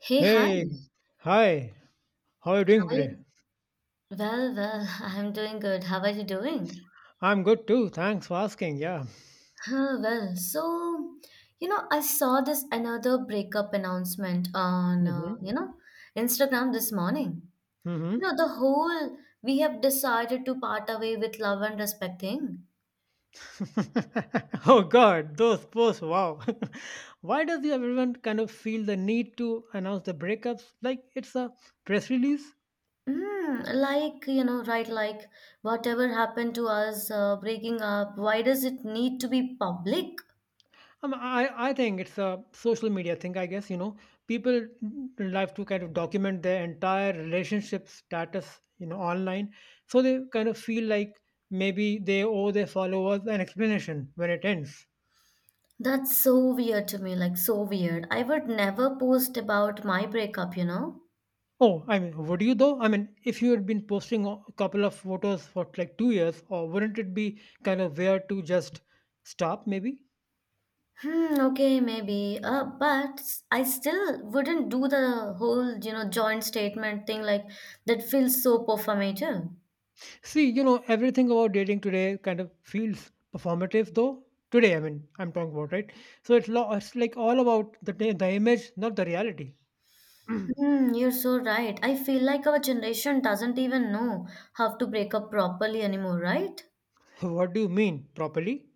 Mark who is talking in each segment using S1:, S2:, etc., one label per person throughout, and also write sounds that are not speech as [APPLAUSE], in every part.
S1: Hey, hi.
S2: Hey, hi. How are you
S1: How
S2: doing
S1: are
S2: today?
S1: you? Well, [LAUGHS] I'm doing good. How are you doing?
S2: I'm good too. Thanks for asking. Yeah.
S1: Well, so, I saw this another breakup announcement on,
S2: Mm-hmm.
S1: Instagram this morning.
S2: Mm-hmm.
S1: The whole we have decided to part away with love and respect thing.
S2: [LAUGHS] Oh God, those posts. Wow. [LAUGHS] Why does everyone kind of feel the need to announce the breakups like it's a press release?
S1: Like, right, like whatever happened to us, breaking up, why does it need to be public?
S2: I think it's a social media thing. I guess you know people like to kind of document their entire relationship status, you know, online, so they kind of feel like maybe they owe their followers an explanation when it ends.
S1: That's so weird to me, like so weird. I would never post about my breakup, you know?
S2: Oh, I mean, would you though? I mean, if you had been posting a couple of photos for like 2 years, or wouldn't it be kind of weird to just stop maybe?
S1: Hmm, okay, maybe. But I still wouldn't do the whole, joint statement thing like that feels so performative.
S2: See, you know, everything about dating today kind of feels performative though. Today, I mean, I'm talking about, right? So it's, it's like all about the, the image, not the reality.
S1: You're so right. I feel like our generation doesn't even know how to break up properly anymore, right?
S2: [LAUGHS] What do you mean properly?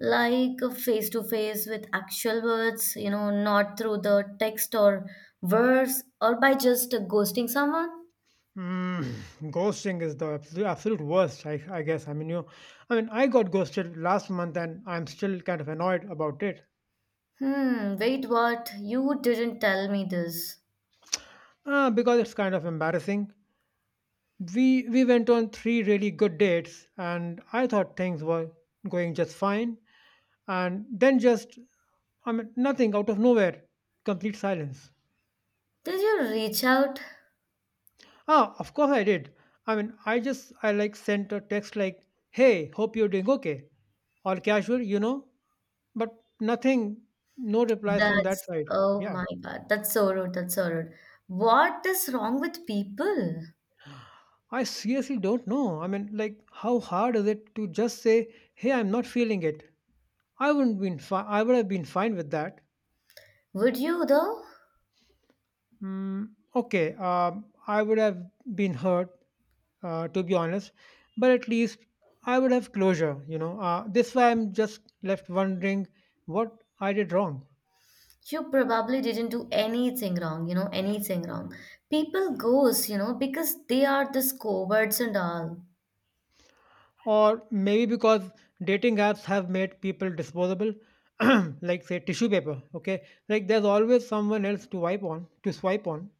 S1: Like face to face with actual words, not through the text or verse or by just ghosting someone.
S2: Mm, [SIGHS] ghosting is the absolute, absolute worst, I guess. I mean, I mean, I got ghosted last month and I'm still kind of annoyed about it.
S1: Hmm, wait, what? You didn't tell me this.
S2: Because it's kind of embarrassing. We went on three really good dates, and I thought things were going just fine, and then just I mean nothing out of nowhere, complete silence.
S1: Did you reach out?
S2: Ah, of course I did. I mean I like sent a text like, "Hey, hope you're doing okay," or casual, you know, but nothing, no replies from that
S1: That's,
S2: side.
S1: oh
S2: Yeah.
S1: my God, that's so rude, that's so rude. What is wrong with people?
S2: I seriously don't know. I mean, like, how hard is it to just say, hey, I'm not feeling it? I wouldn't been fi- I would have been fine with that.
S1: Would you though?
S2: Mm, okay, I would have been hurt, to be honest, but at least I would have closure. You know, this way I'm just left wondering what I did wrong,
S1: You probably didn't do anything wrong, anything wrong. People goes, because they are this cowards and all.
S2: or maybe because dating apps have made people disposable, [CLEARS THROAT] like say tissue paper. Okay, like there's always someone else to wipe on, to swipe on.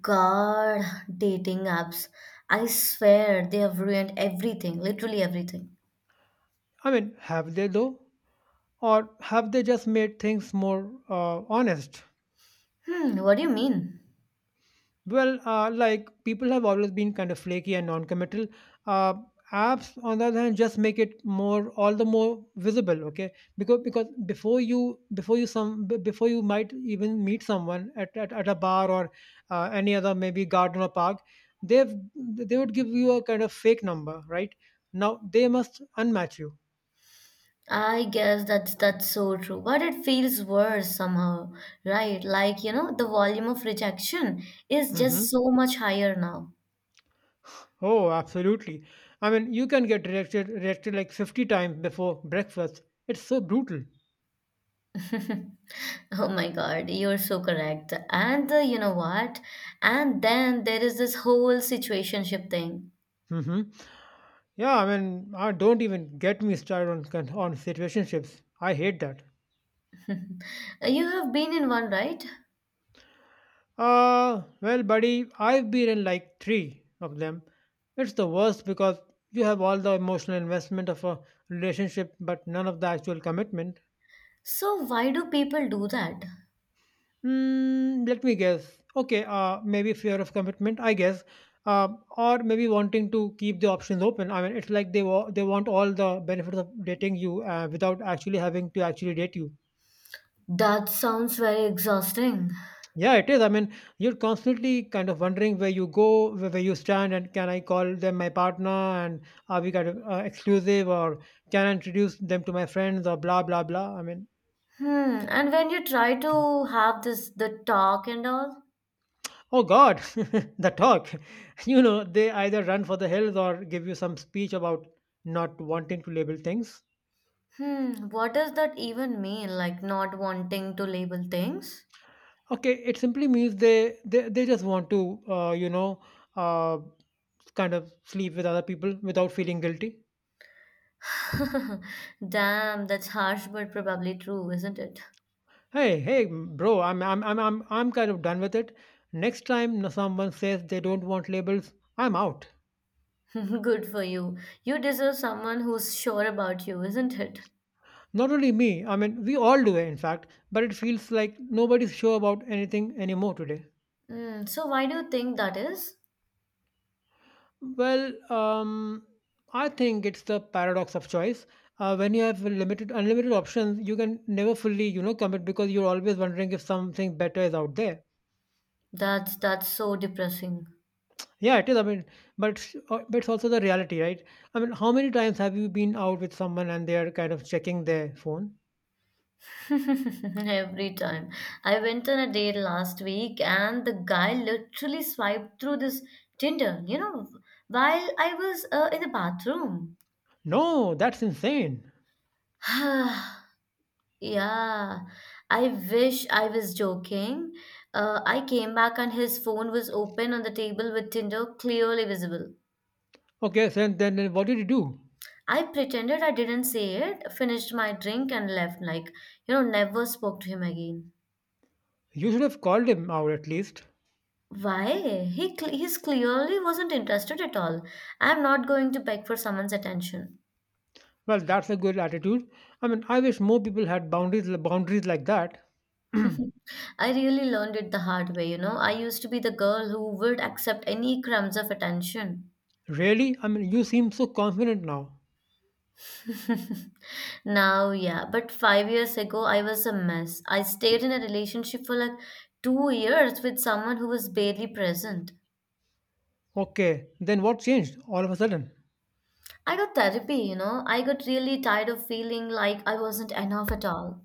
S1: God, dating apps. I swear they have ruined everything, literally everything.
S2: I mean, have they though, or have they just made things more honest?
S1: What do you mean?
S2: Well, like people have always been kind of flaky and non-committal. Uh, Apps, on the other hand, just make it more all the more visible. Okay, because before you might even meet someone at at a bar or any other maybe garden or park, they would give you a kind of fake number, right? Now they must unmatch you.
S1: I guess that's so true, but it feels worse somehow, right? Like, the volume of rejection is
S2: Hmm.
S1: just so much higher now.
S2: Oh, absolutely. I mean, you can get rejected like 50 times before breakfast. It's so brutal.
S1: [LAUGHS] Oh my God, you're so correct. And you know what? And then there is this whole situationship thing.
S2: Hmm. Yeah, I mean, I don't even get me started on on situationships. I hate that.
S1: [LAUGHS] You have been in one, right?
S2: Well, buddy, I've been in like three of them. It's the worst because you have all the emotional investment of a relationship, but none of the actual commitment.
S1: So why do people do that?
S2: Hmm, let me guess. Okay, maybe fear of commitment, I guess. Uh, or maybe wanting to keep the options open. I mean, it's like they want all the benefits of dating you without actually having to actually date you.
S1: That sounds very exhausting.
S2: Yeah, it is. I mean, you're constantly kind of wondering where you go, where you stand, and can I call them my partner? And are we kind of exclusive, or can I introduce them to my friends, or blah blah blah? I mean,
S1: And when you try to have this the talk and all.
S2: oh God, [LAUGHS] the talk. [LAUGHS] You know, they either run for the hills or give you some speech about not wanting to label things.
S1: What does that even mean? Like not wanting to label things?
S2: Okay, it simply means they just want to, you know, uh, kind of sleep with other people without feeling guilty.
S1: [LAUGHS] Damn, that's harsh but probably true, isn't it?
S2: Hey, hey, bro, I'm kind of done with it. Next time someone says they don't want labels, I'm out.
S1: [LAUGHS] Good for you. You deserve someone who's sure about you, isn't it?
S2: Not only me, I mean we all do it in fact, but it feels like nobody's sure about anything anymore today.
S1: So why do you think that is?
S2: Well, um I think it's the paradox of choice. When you have limited unlimited options, you can never fully, you know, commit because you're always wondering if something better is out there.
S1: That's so depressing.
S2: Yeah, it is. I mean, but it's also the reality, right? I mean, how many times have you been out with someone and they are kind of checking their phone?
S1: [LAUGHS] Every time. I went on a date last week and the guy literally swiped through this Tinder, while I was in the bathroom.
S2: No, that's insane.
S1: [SIGHS] Yeah, I wish I was joking. I came back and his phone was open on the table with Tinder clearly visible.
S2: Okay, so then what did you do?
S1: I pretended I didn't see it, finished my drink, and left. Like, never spoke to him again.
S2: You should have called him out at least.
S1: Why? He's clearly wasn't interested at all. I'm not going to beg for someone's attention.
S2: Well, that's a good attitude. I mean, I wish more people had boundaries like that. [CLEARS THROAT]
S1: [LAUGHS] I really learned it the hard way. I used to be the girl who would accept any crumbs of attention.
S2: Really? I mean, you seem so confident now.
S1: Now, yeah, but 5 years ago, I was a mess. I stayed in a relationship for like 2 years with someone who was barely present.
S2: Okay, then what changed all of a sudden?
S1: I got therapy. I got really tired of feeling like I wasn't enough at all.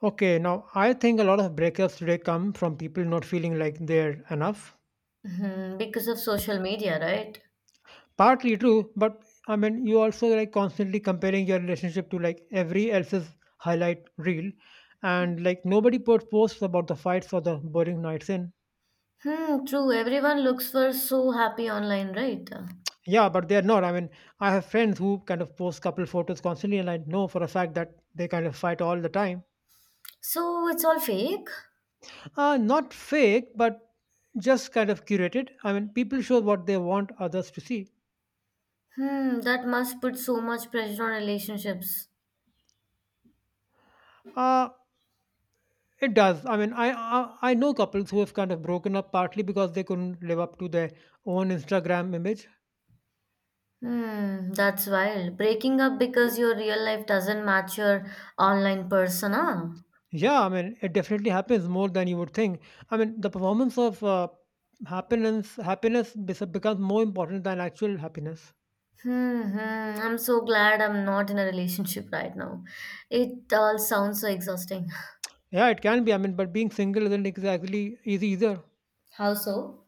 S2: Okay, now I think a lot of breakups today come from people not feeling like they're enough.
S1: Because of social media, right?
S2: Partly true, but I mean, you also like constantly comparing your relationship to like every else's highlight reel, and like nobody posts about the fights or the boring nights in.
S1: Hmm, true. Everyone looks for so happy online, right?
S2: Yeah, but they're not. I mean, I have friends who kind of post couple photos constantly, and I know for a fact that they kind of fight all the time.
S1: So it's all fake?
S2: Not fake, but just kind of curated. I mean, people show what they want others to see.
S1: That must put so much pressure on relationships.
S2: Uh, It does. I mean, I know couples who have kind of broken up partly because they couldn't live up to their own Instagram image.
S1: That's wild. Breaking up because your real life doesn't match your online persona.
S2: Yeah, I mean, it definitely happens more than you would think. I mean, the performance of happiness becomes more important than actual happiness.
S1: Hmm, hmm. I'm so glad I'm not in a relationship right now. It all sounds so exhausting.
S2: Yeah, it can be. I mean, but being single isn't exactly easy either.
S1: How so?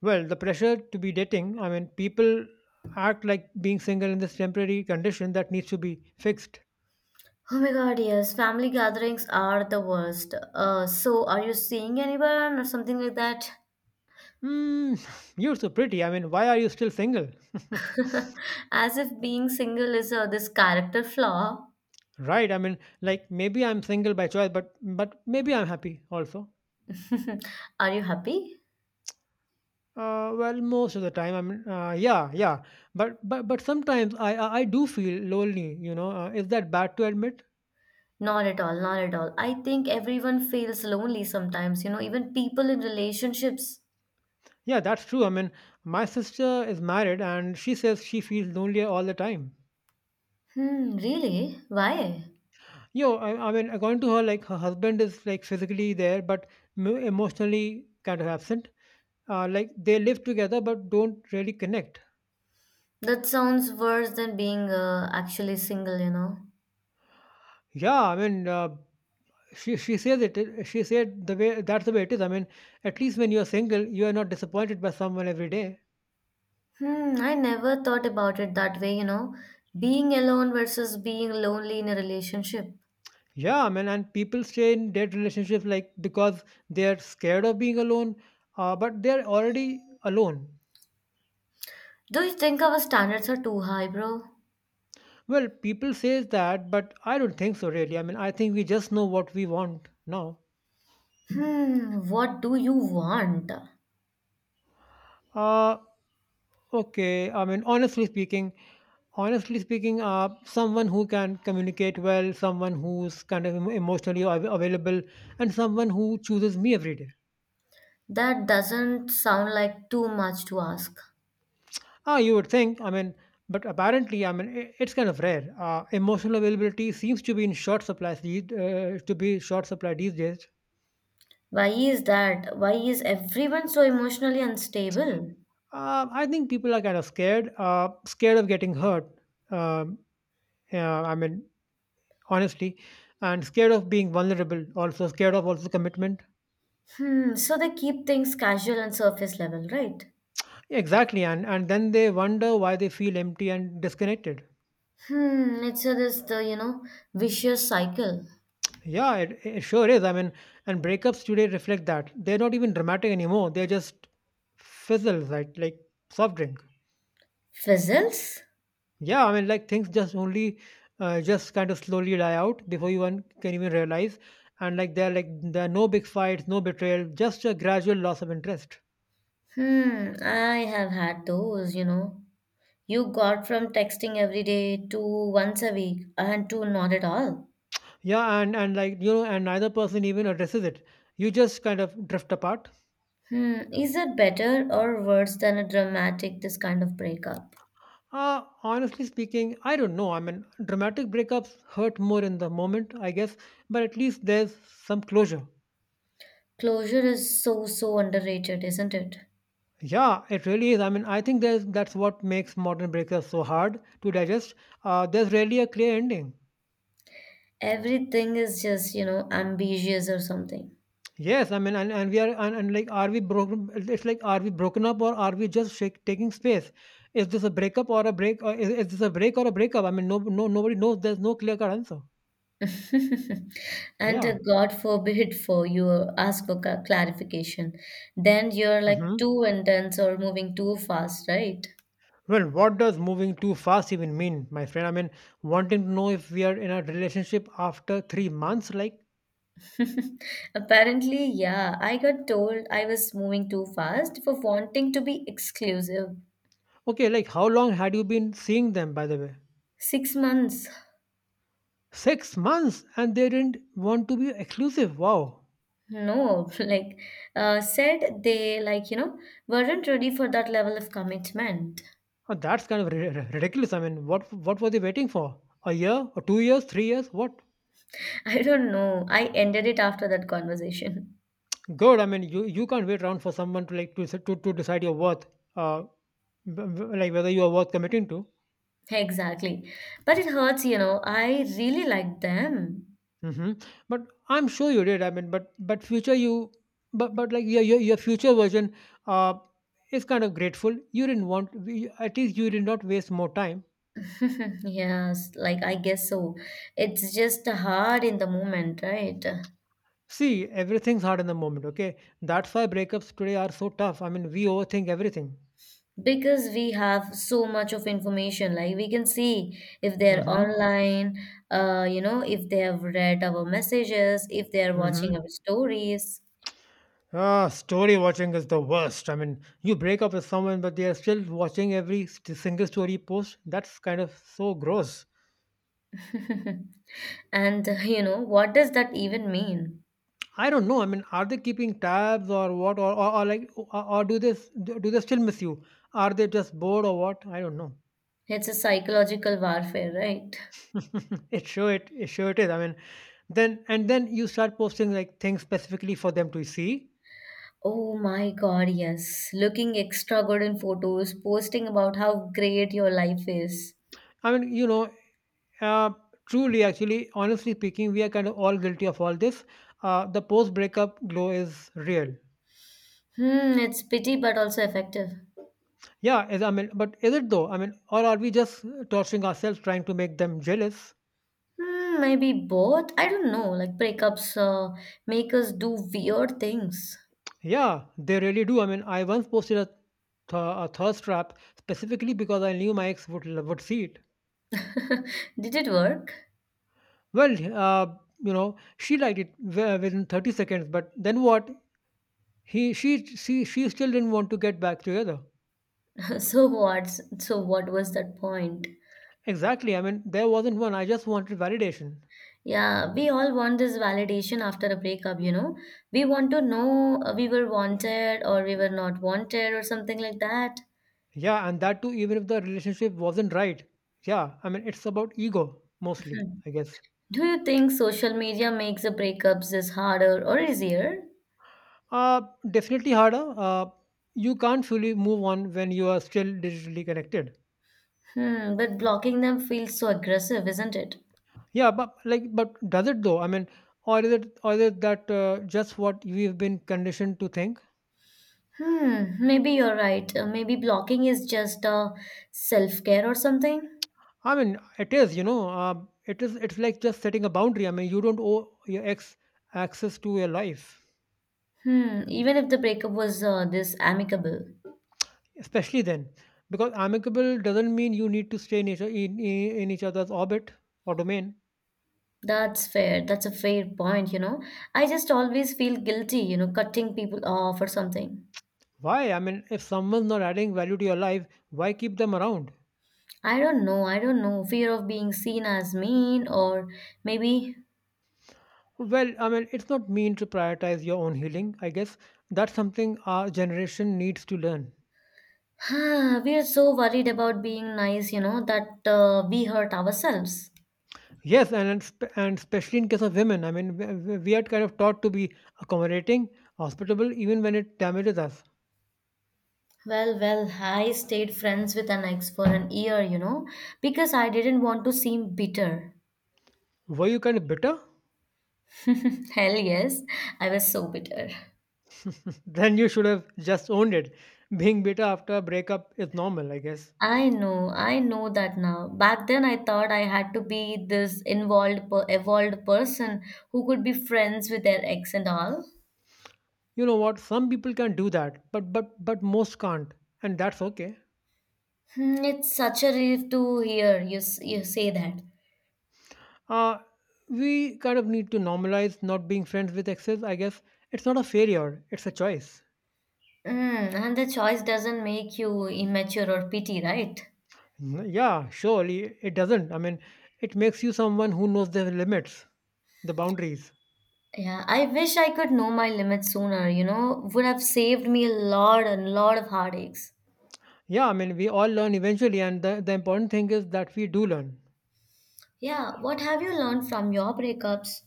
S2: Well, the pressure to be dating. I mean, people act like being single in this temporary condition that needs to be fixed.
S1: Oh my God, yes. Family gatherings are the worst. So are you seeing anyone or something like that?
S2: Hmm, [LAUGHS] you're so pretty. I mean, why are you still single? [LAUGHS]
S1: [LAUGHS] As if being single is this character flaw.
S2: Right. I mean, like maybe I'm single by choice, but maybe I'm happy also.
S1: [LAUGHS] Are you happy?
S2: Well, most of the time, I mean, yeah, yeah. But sometimes I do feel lonely. You know, is that bad to admit?
S1: Not at all, not at all. I think everyone feels lonely sometimes, even people in relationships.
S2: Yeah, that's true. I mean, my sister is married, and she says she feels lonely all the time.
S1: Hmm, really? Why?
S2: I mean, according to her, like her husband is like physically there, but emotionally kind of absent. Like they live together, but don't really connect.
S1: That sounds worse than being actually single.
S2: Yeah, I mean. She says it she said the way that's the way it is. I mean at least when you're single you are not disappointed by someone every day.
S1: I never thought about it that way. Being alone versus being lonely in a relationship.
S2: Yeah, I mean, and people stay in dead relationships like because they're scared of being alone, but they're already alone.
S1: Do you think our standards are too high, bro?
S2: Well people says that but I don't think so really. I mean I think we just know what we want now.
S1: What do you want?
S2: Uh, okay. I mean, honestly speaking, someone who can communicate well, someone who's kind of emotionally available, and someone who chooses me every day.
S1: That doesn't sound like too much to ask.
S2: Ah, you would think. I mean, but apparently, I mean, I it's kind of rare. Emotional availability seems to be in short supply these to be short supply these days.
S1: Why is that? Why is everyone so emotionally unstable?
S2: I think people are kind of scared, scared of getting hurt. Um, yeah, I mean, honestly, and scared of being vulnerable, also scared of also commitment.
S1: So they keep things casual and surface level, right?
S2: Exactly, and then they wonder why they feel empty and disconnected.
S1: It's a, this the you know vicious cycle.
S2: Yeah, it sure is. I mean and breakups today reflect that. They're not even dramatic anymore, they're just fizzles, right? Like soft drink.
S1: Fizzles?
S2: Yeah I mean like things just only just kind of slowly die out before you one can even realize. And like there are no big fights, no betrayal, just a gradual loss of interest.
S1: I have had those, you know. You got from texting every day to once a week and to not at all.
S2: Yeah, and like you know, and neither person even addresses it. You just kind of drift apart.
S1: Is it better or worse than a dramatic this kind of breakup?
S2: Honestly speaking, I don't know. I mean, dramatic breakups hurt more in the moment, I guess, but at least there's some closure.
S1: Closure is so so underrated, isn't it?
S2: Yeah, it really is. I mean, I think there's that's what makes modern breakups so hard to digest. There's rarely a clear ending.
S1: Everything is just, ambitious or something.
S2: Yes, I mean, and like, are we broken? It's like, are we broken up or are we just taking space? Is this a breakup or a break? Or Is this a break or a breakup? I mean, nobody knows. There's no clear cut answer.
S1: [LAUGHS] And
S2: Yeah.
S1: God forbid for you ask for clarification. Then you're
S2: Hmm.
S1: like too intense or moving too fast, right?
S2: Well, what does moving too fast even mean, my friend? I mean, wanting to know if we are in a relationship after 3 months, like,
S1: [LAUGHS] Apparently, yeah, I got told I was moving too fast for wanting to be exclusive.
S2: okay, like, how long had you been seeing them, by the way?
S1: 6 months.
S2: 6 months, and they didn't want to be exclusive. Wow.
S1: No, [LAUGHS] like said they like weren't ready for that level of commitment.
S2: Oh, that's kind of ridiculous. I mean, what were they waiting for? A year, or 2 years, 3 years? What?
S1: I don't know. I ended it after that conversation.
S2: Good. I mean, you can't wait around for someone to like to decide your worth, uh, like whether you are worth committing to.
S1: [LAUGHS] Exactly. But it hurts. I really like them.
S2: Hmm. But I'm sure you did. I mean, but future you, but like your future version, uh, is kind of grateful. You didn't want you- at least you did not waste more time.
S1: [LAUGHS] Yes, like I guess so. It's just hard in the moment, right?
S2: See, everything's hard in the moment. Okay, that's why breakups today are so tough. I mean, we overthink everything.
S1: Because we have so much of information, like we can see if they're
S2: hmm
S1: online, if they have read our messages, if they're
S2: hmm.
S1: watching our stories.
S2: Ah, story watching is the worst. I mean, you break up with someone, but they are still watching every single story post. That's kind of so gross.
S1: [LAUGHS] And, what does that even mean?
S2: I don't know. I mean, are they keeping tabs or what, or do they do they still miss you? Are they just bored or what? I don't know.
S1: It's a psychological warfare, right?
S2: [LAUGHS] It sure it is. I mean, then and then you start posting like things specifically for them to see.
S1: Oh my God, yes. Looking extra good in photos, posting about how great your life is.
S2: I mean, you know, uh, truly, actually, honestly speaking, we are kind of all guilty of all this. The post breakup glow is real.
S1: It's pity but also effective.
S2: Yeah, is I mean, but is it though? I mean, or are we just torturing ourselves trying to make them jealous?
S1: Maybe both. I don't know. Like breakups make us do weird things.
S2: Yeah, they really do. I mean, I once posted a thirst trap specifically because I knew my ex would see it.
S1: [LAUGHS] Did it work?
S2: Well, you know, she liked it within 30 seconds, but then what? She still didn't want to get back together.
S1: [LAUGHS] So what? So what was that point?
S2: Exactly. I mean, there wasn't one. I just wanted validation.
S1: Yeah, we all want this validation after a breakup. We want to know we were wanted or we were not wanted or something like that.
S2: Yeah, and that too, even if the relationship wasn't right. Yeah, I mean, it's about ego mostly,
S1: Hmm.
S2: I guess.
S1: Do you think social media makes the breakups is harder or easier?
S2: Uh, Definitely harder. You can't fully move on when you are still digitally connected.
S1: But blocking them feels so aggressive, isn't it?
S2: Yeah, but like, but does it though? I mean, or is it that just what we've been conditioned to think?
S1: Maybe you're right. Maybe blocking is just self care or something.
S2: I mean, it is, you know, it is. It's like just setting a boundary. I mean, you don't owe your ex access to your life,
S1: Even if the breakup was this amicable.
S2: especially then, because amicable doesn't mean you need to stay in each other's orbit or domain.
S1: That's fair. That's a fair point. I just always feel guilty, cutting people off or something.
S2: Why? I mean, if someone's not adding value to your life, why keep them around?
S1: I don't know. I don't know. Fear of being seen as mean, or maybe
S2: Well, I mean, it's not mean to prioritize your own healing. I guess that's something our generation needs to learn.
S1: We are so worried about being nice, that we hurt ourselves.
S2: Yes, and especially in case of women, I mean, we are kind of taught to be accommodating, hospitable, even when it damages us.
S1: Well, I stayed friends with an ex for an year, because I didn't want to seem bitter.
S2: Were you kind of bitter?
S1: [LAUGHS] Hell yes, I was so bitter.
S2: [LAUGHS] Then you should have just owned it. Being bitter after a breakup is normal, I guess.
S1: I know that now. Back then, I thought I had to be this involved, evolved person who could be friends with their ex and all.
S2: You know what? Some people can do that, but most can't, and that's okay.
S1: It's such a relief to hear you say that.
S2: uh, we kind of need to normalize not being friends with exes, I guess. It's not a failure, it's a choice.
S1: And the choice doesn't make you immature or petty, right?
S2: Yeah, surely it doesn't. I mean, it makes you someone who knows their limits, the boundaries.
S1: Yeah, I wish I could know my limits sooner, would have saved me a lot and lot of heartaches.
S2: Yeah, I mean, we all learn eventually, and the important thing is that we do learn.
S1: Yeah, what have you learned from your breakups?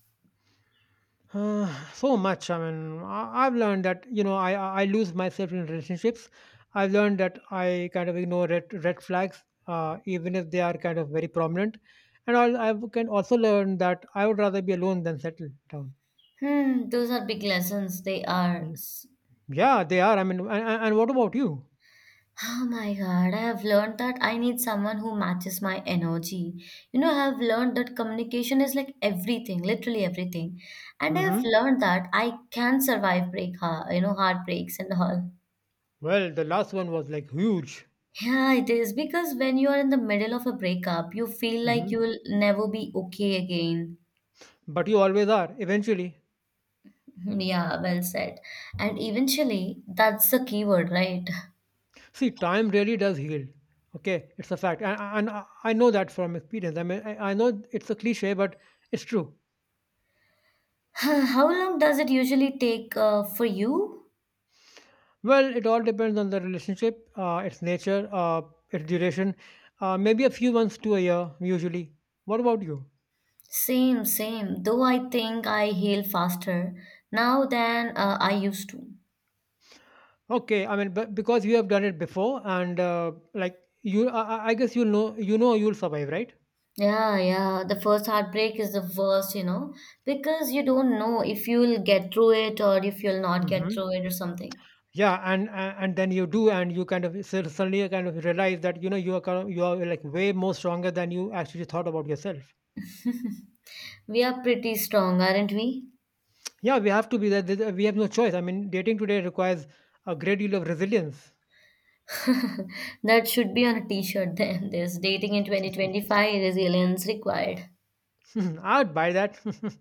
S2: [SIGHS] Uh, so much. I mean, I've learned that you know I lose myself in relationships. I've learned that I kind of ignore red flags, even if they are kind of very prominent. And I can also learn that I would rather be alone than settle down.
S1: Those are big lessons, they are.
S2: Mm. Yeah, they are. I mean, and what about you?
S1: Oh my God, I have learned that I need someone who matches my energy. I have learned that communication is like everything, literally everything. And I have
S2: Hmm.
S1: learned that I can survive break, ha- you know, heartbreaks and all.
S2: Well, the last one was like huge.
S1: Yeah, it is because when you are in the middle of a breakup, you feel like
S2: Hmm.
S1: you will never be okay again.
S2: But you always are. Eventually.
S1: Hmm, Yeah, well said. And eventually, that's the keyword, right?
S2: See, time really does heal. Okay, it's a fact, and I know that from experience. I mean, I know it's a cliche, but it's true.
S1: [SIGHS] How long does it usually take for you?
S2: Well, it all depends on the relationship, its nature, its duration. Maybe a few months to a year, usually. What about you?
S1: Same, same. Though I think I heal faster now than I used to.
S2: Okay, I mean, but because you have done it before, and like you, I guess you know, you'll survive, right?
S1: Yeah, yeah. The first heartbreak is the worst, because you don't know if you'll get through it or if you'll not get
S2: Hmm.
S1: through it or something.
S2: Yeah, and and then you do, and you kind of suddenly kind of realize that you know you are you are like way more stronger than you actually thought about yourself.
S1: We are pretty strong, aren't we?
S2: Yeah, we have to be we have no choice. I mean, dating today requires a great deal of resilience.
S1: That should be on a t-shirt then. [LAUGHS] This dating in 2025 resilience required.
S2: [LAUGHS] I'd buy that. [LAUGHS]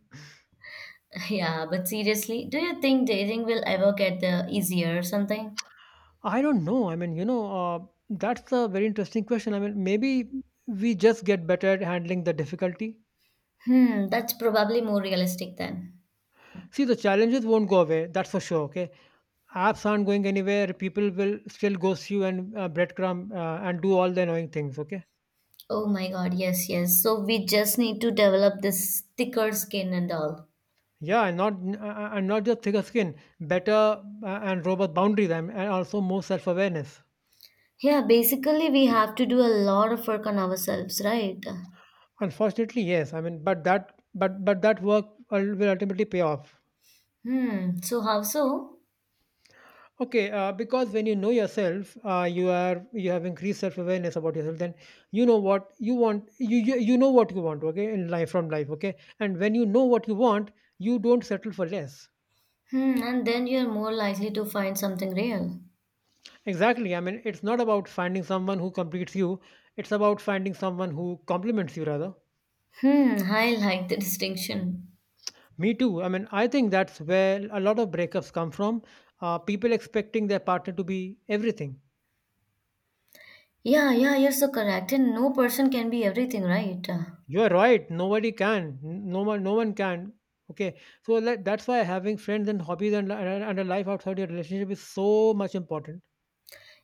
S1: [LAUGHS] Yeah, but seriously, do you think dating will ever get the easier or something?
S2: I don't know. I mean, you know, that's a very interesting question. I mean, maybe we just get better at handling the difficulty.
S1: That's probably more realistic then.
S2: See, the challenges won't go away, that's for sure. Okay, apps aren't going anywhere, people will still ghost you, and breadcrumb, and do all the annoying things, okay.
S1: Oh my God, yes, yes. So we just need to develop this thicker skin and all.
S2: Yeah, and not n- a- and not just thicker skin, better and robust boundaries, and also more self-awareness.
S1: Yeah, basically we have to do a lot of work on ourselves, right?
S2: Unfortunately, yes. I mean, but that work will ultimately pay off.
S1: So how so?
S2: Okay, because when you know yourself, you are you have increased self-awareness about yourself. Then you know what you want. You know what you want. Okay, in life, from life. Okay, and when you know what you want, you don't settle for less.
S1: And then you're more likely to find something real.
S2: Exactly. I mean, it's not about finding someone who completes you. It's about finding someone who complements you rather.
S1: I like the distinction.
S2: Me too. I mean, I think that's where a lot of breakups come from. People expecting their partner to be everything.
S1: Yeah, yeah, you're so correct. And no person can be everything, right?
S2: You are right. Nobody can. No one. No one can. Okay. So let, that's why having friends and hobbies, and a life outside your relationship is so much important.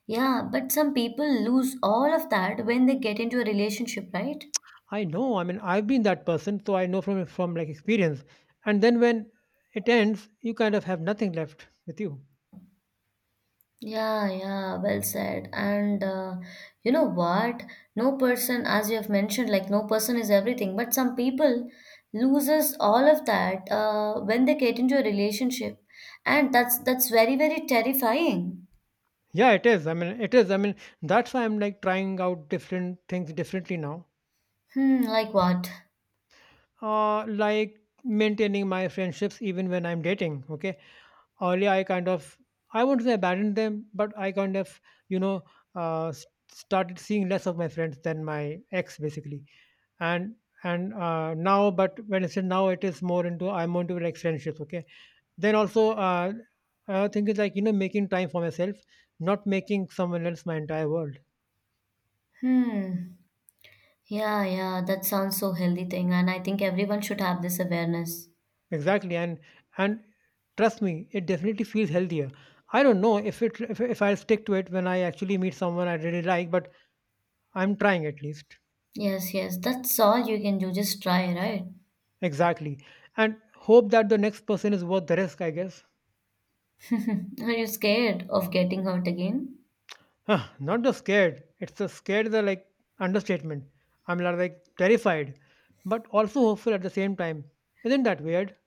S1: Yeah, but some people lose all of that when they get into a relationship, right?
S2: I know. I mean, I've been that person, so I know from like experience. And then when it ends, you kind of have nothing left with you.
S1: Yeah, yeah, well said. And you know what? No person, as you have mentioned, like no person is everything, but some people loses all of that when they get into a relationship. And that's very, very terrifying.
S2: Yeah, it is. I mean, it is. I mean, that's why I'm like trying out different things differently now.
S1: Like what?
S2: Like maintaining my friendships even when I'm dating. Okay, earlier I kind of, I won't say abandoned them, but I kind of, you know, uh, s- started seeing less of my friends than my ex, basically, and now, but when I said now, it is more into I'm into like friendships. Okay, then also, I think it's like you know making time for myself, not making someone else my entire world.
S1: Hmm. Yeah, yeah, that sounds so healthy thing, and I think everyone should have this awareness.
S2: Exactly, and trust me, it definitely feels healthier. I don't know if I'll stick to it when I actually meet someone I really like, but I'm trying at least.
S1: Yes, yes, that's all you can do. Just try, right?
S2: Exactly. And hope that the next person is worth the risk, I guess.
S1: [LAUGHS] Are you scared of getting hurt again?
S2: Huh, not just scared. It's the scared is a like understatement. I'm like terrified, but also hopeful at the same time. Isn't that weird?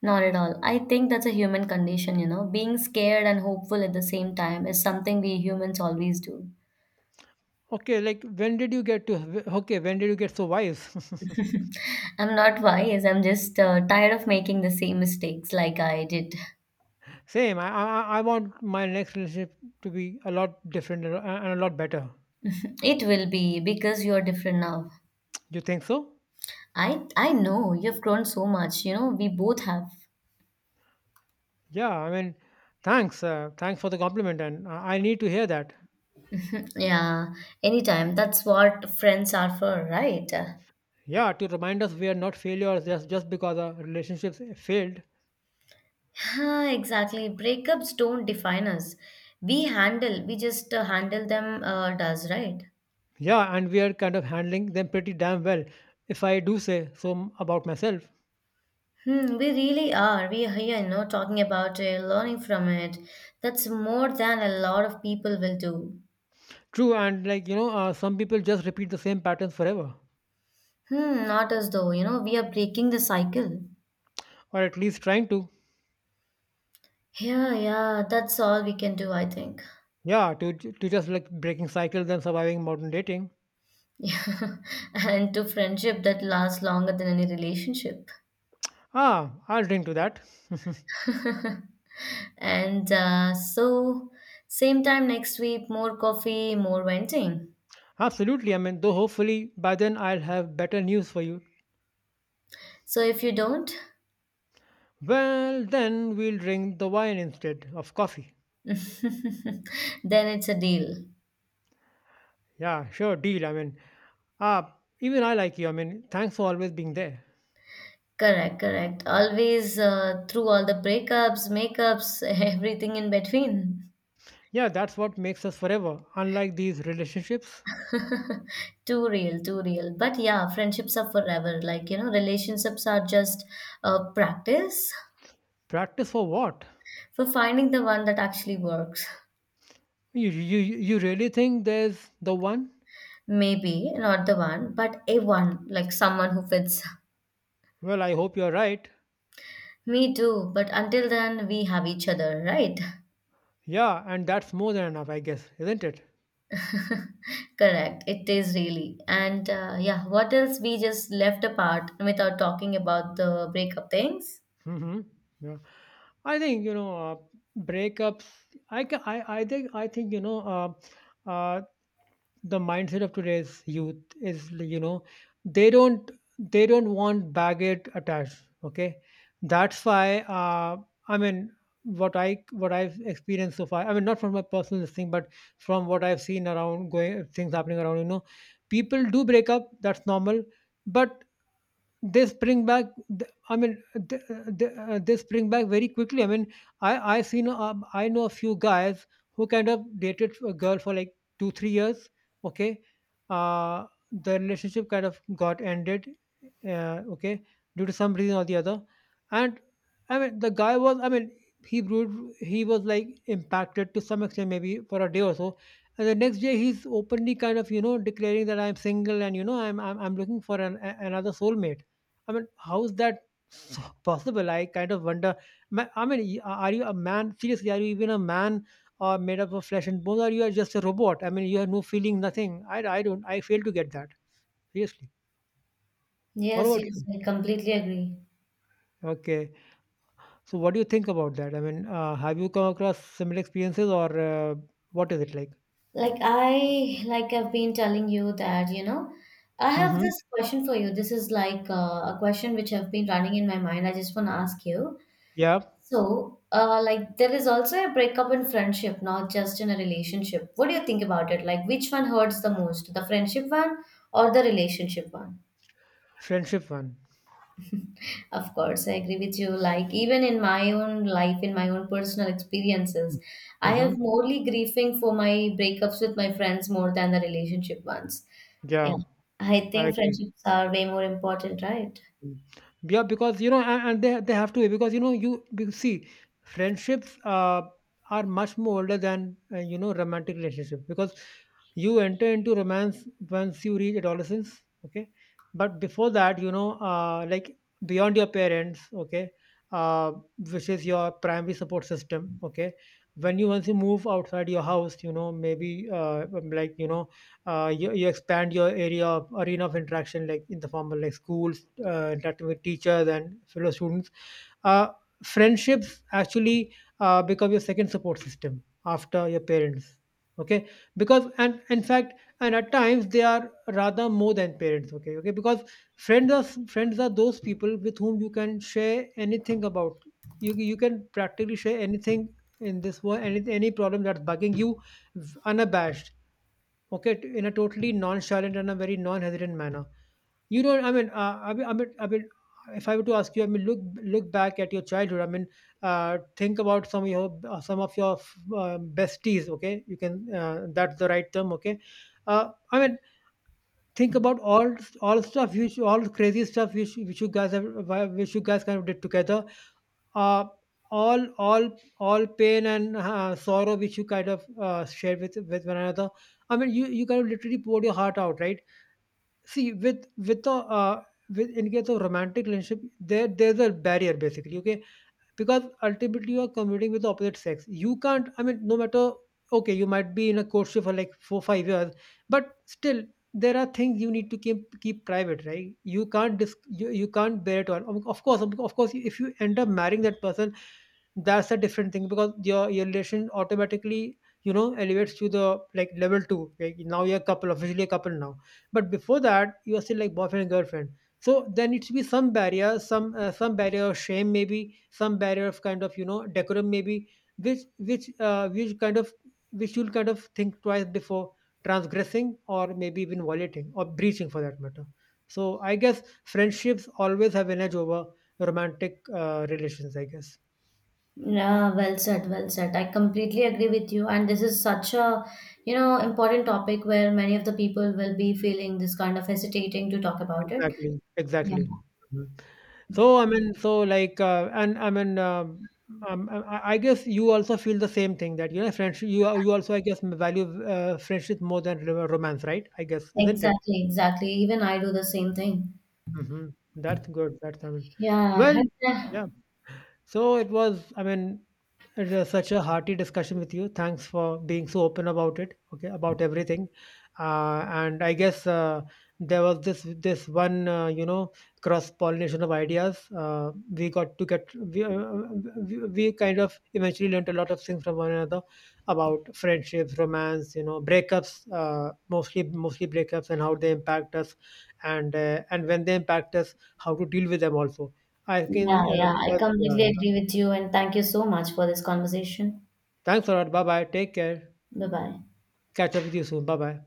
S1: Not at all. I think that's a human condition. Being scared and hopeful at the same time is something we humans always do.
S2: Okay, like when did you get to, okay, when did you get so wise? [LAUGHS]
S1: I'm not [LAUGHS] wise, I'm just tired of making the same mistakes like I did. [LAUGHS]
S2: Same. I want my next relationship to be a lot different and a lot better.
S1: It will be because you're different now.
S2: You think so?
S1: I know you've grown so much, we both have.
S2: Yeah, I mean, thanks. Thanks for the compliment, and I need to hear that.
S1: Yeah, anytime. That's what friends are for, right?
S2: Yeah, to remind us we are not failures just because our relationships failed.
S1: Yeah, exactly. Breakups don't define us. We just handle them does, right?
S2: Yeah, and we are kind of handling them pretty damn well, if I do say so about myself.
S1: We really are. We are here, talking about it, learning from it. That's more than a lot of people will do.
S2: True, and like, you know, some people just repeat the same patterns forever,
S1: Not as though, we are breaking the cycle.
S2: or at least trying to.
S1: Yeah, yeah, that's all we can do, I think. [LAUGHS]
S2: Yeah, to, to just like breaking cycles and surviving modern dating.
S1: Yeah, and to friendship that lasts longer than any relationship.
S2: Ah, I'll drink to that.
S1: And so, same time next week, more coffee, more venting.
S2: Absolutely. I mean, though hopefully by then I'll have better news for you.
S1: So, if you don't,
S2: Well, then we'll drink the wine instead of coffee.
S1: [LAUGHS] then it's a deal.
S2: Yeah, sure, deal. I mean, ah, even I like you. I mean, thanks for always being there.
S1: Correct, correct. Always through all the breakups, makeups, [LAUGHS] everything in between.
S2: Yeah, that's what makes us forever. Unlike these relationships,
S1: Too real, too real. But yeah, friendships are forever. Like, relationships are just a practice
S2: practice for what?
S1: for finding the one that actually works.
S2: You really think there's the one?
S1: Maybe not the one, but a one, like someone who fits.
S2: Well, I hope you're right.
S1: Me too, but until then, we have each other, right?
S2: Yeah, and that's more than enough, I guess, isn't it?
S1: [LAUGHS] Correct, it is really. And yeah, what else we just left apart without talking about the breakup things?
S2: Mm-hmm. Yeah, I think you know breakups. I think, you know, the mindset of today's youth is like, they don't they don't want baggage attached, okay. That's why, I mean, what I've experienced so far. I mean, not from my personal thing, but from what I've seen around, going, things happening around, people do break up. That's normal. But they spring back. I mean, they, they spring back very quickly. I mean, I seen, I know a few guys who kind of dated a girl for like 2 3 years. Okay. uh the relationship kind of got ended, okay, due to some reason or the other. And I mean, the guy was, I mean, he brewed, he was like impacted to some extent, maybe for a day or so. And the next day, he's openly kind of, declaring that I'm single. And I'm looking for an, another soulmate. I mean, how's that so possible? I kind of wonder. I mean, are you a man? Seriously, are you even a man, or made up of flesh and bones, or you are just a robot? I mean, you have no feeling, nothing. I don't. I fail to get that. Seriously. What
S1: Yes,
S2: about
S1: yes,
S2: you?
S1: I completely agree.
S2: Okay. So, what do you think about that? I mean, have you come across similar experiences? Or what is it like?
S1: Like I've been telling you that, I have
S2: Mm-hmm.
S1: this question for you. This is like a question which have been running in my mind. I just want to ask you.
S2: Yeah.
S1: So, like, there is also a breakup in friendship, not just in a relationship. What do you think about it? Like, which one hurts the most, the friendship one or the relationship one?
S2: Friendship one.
S1: Of course, I agree with you. Like, even in my own life, in my own personal experiences, I have
S2: Mm-hmm.
S1: morely grieving for my breakups with my friends more than the relationship ones. Yeah,
S2: Yeah,
S1: I
S2: I
S1: think
S2: agree.
S1: friendships are way more important, right?
S2: Mm. Yeah, because and they have to be. Because you see, friendships, are much more older than, romantic relationship. Because you enter into romance once you reach adolescence, okay. But before that, like, beyond your parents, okay, uh, which is your primary support system, okay. When you once you move outside your house, maybe, like you know you expand your area of arena of interaction, like in the form of like schools, interacting with teachers and fellow students. uh, Friendships, actually, become your second support system after your parents, okay. Because, and in fact, and at times they are rather more than parents, okay, okay. Because friends are those people with whom you can share anything about. You can practically share anything in this world, any problem that's bugging you, unabashed, okay, in a totally nonchalant and a very non-hesitant manner. You don't, I mean, I mean, if I were to ask you, I mean, look, back at your childhood. I mean, think about some of your, besties. Okay, you can, that's the right term. Okay, I mean, think about all stuff which all crazy stuff, which you guys have, which you guys kind of did together. uh, all, all pain and, sorrow, which you kind of, share with one another. I mean, you kind of literally poured your heart out, right. See, with the with in case of romantic relationship, there's a barrier basically, okay. Because ultimately you are commuting with the opposite sex. You can't, I mean, no matter, okay, you might be in a courtship for like 4 5 years. But still, there are things you need to keep private, right. You can't, you can't bear it all. Of course, of course if you end up marrying that person, that's a different thing. Because your relation automatically, elevates to the, like, level two. Like now you're a couple, officially a couple now. But before that, you are still like boyfriend and girlfriend. So there needs to be some barrier, some, some barrier of shame maybe, some barrier of kind of, decorum maybe, which kind of, which you'll kind of think twice before transgressing, or maybe even violating, or breaching for that matter. So I guess friendships always have an edge over romantic, relations, I guess.
S1: Yeah, well said, well said. I completely agree with you. And this is such a important topic where many of the people will be feeling this kind of hesitating to talk about it.
S2: Exactly,
S1: Yeah,
S2: exactly. Mhm. So I mean, so like, and I mean, I guess you also feel the same thing, that, friendship. You also, I guess, value, friendship more than, romance, right? I guess, isn't it?
S1: exactly, exactly. Even I do the same thing.
S2: Hmm. That's good. That's, I mean,
S1: Yeah,
S2: well,
S1: [LAUGHS]
S2: yeah. So it was, I mean, it was such a hearty discussion with you. Thanks for being so open about it, okay, about everything. And I guess, there was this one, cross pollination of ideas. We got to get, we kind of eventually learned a lot of things from one another about friendships, romance, breakups, mostly breakups, and how they impact us. And, and when they impact us, how to deal with them also. I can,
S1: yeah, yeah. I
S2: because, yeah.
S1: completely agree with you. And thank you so much for this conversation.
S2: Thanks a lot. Bye bye. Take care.
S1: Bye bye.
S2: Catch up with you soon. Bye bye.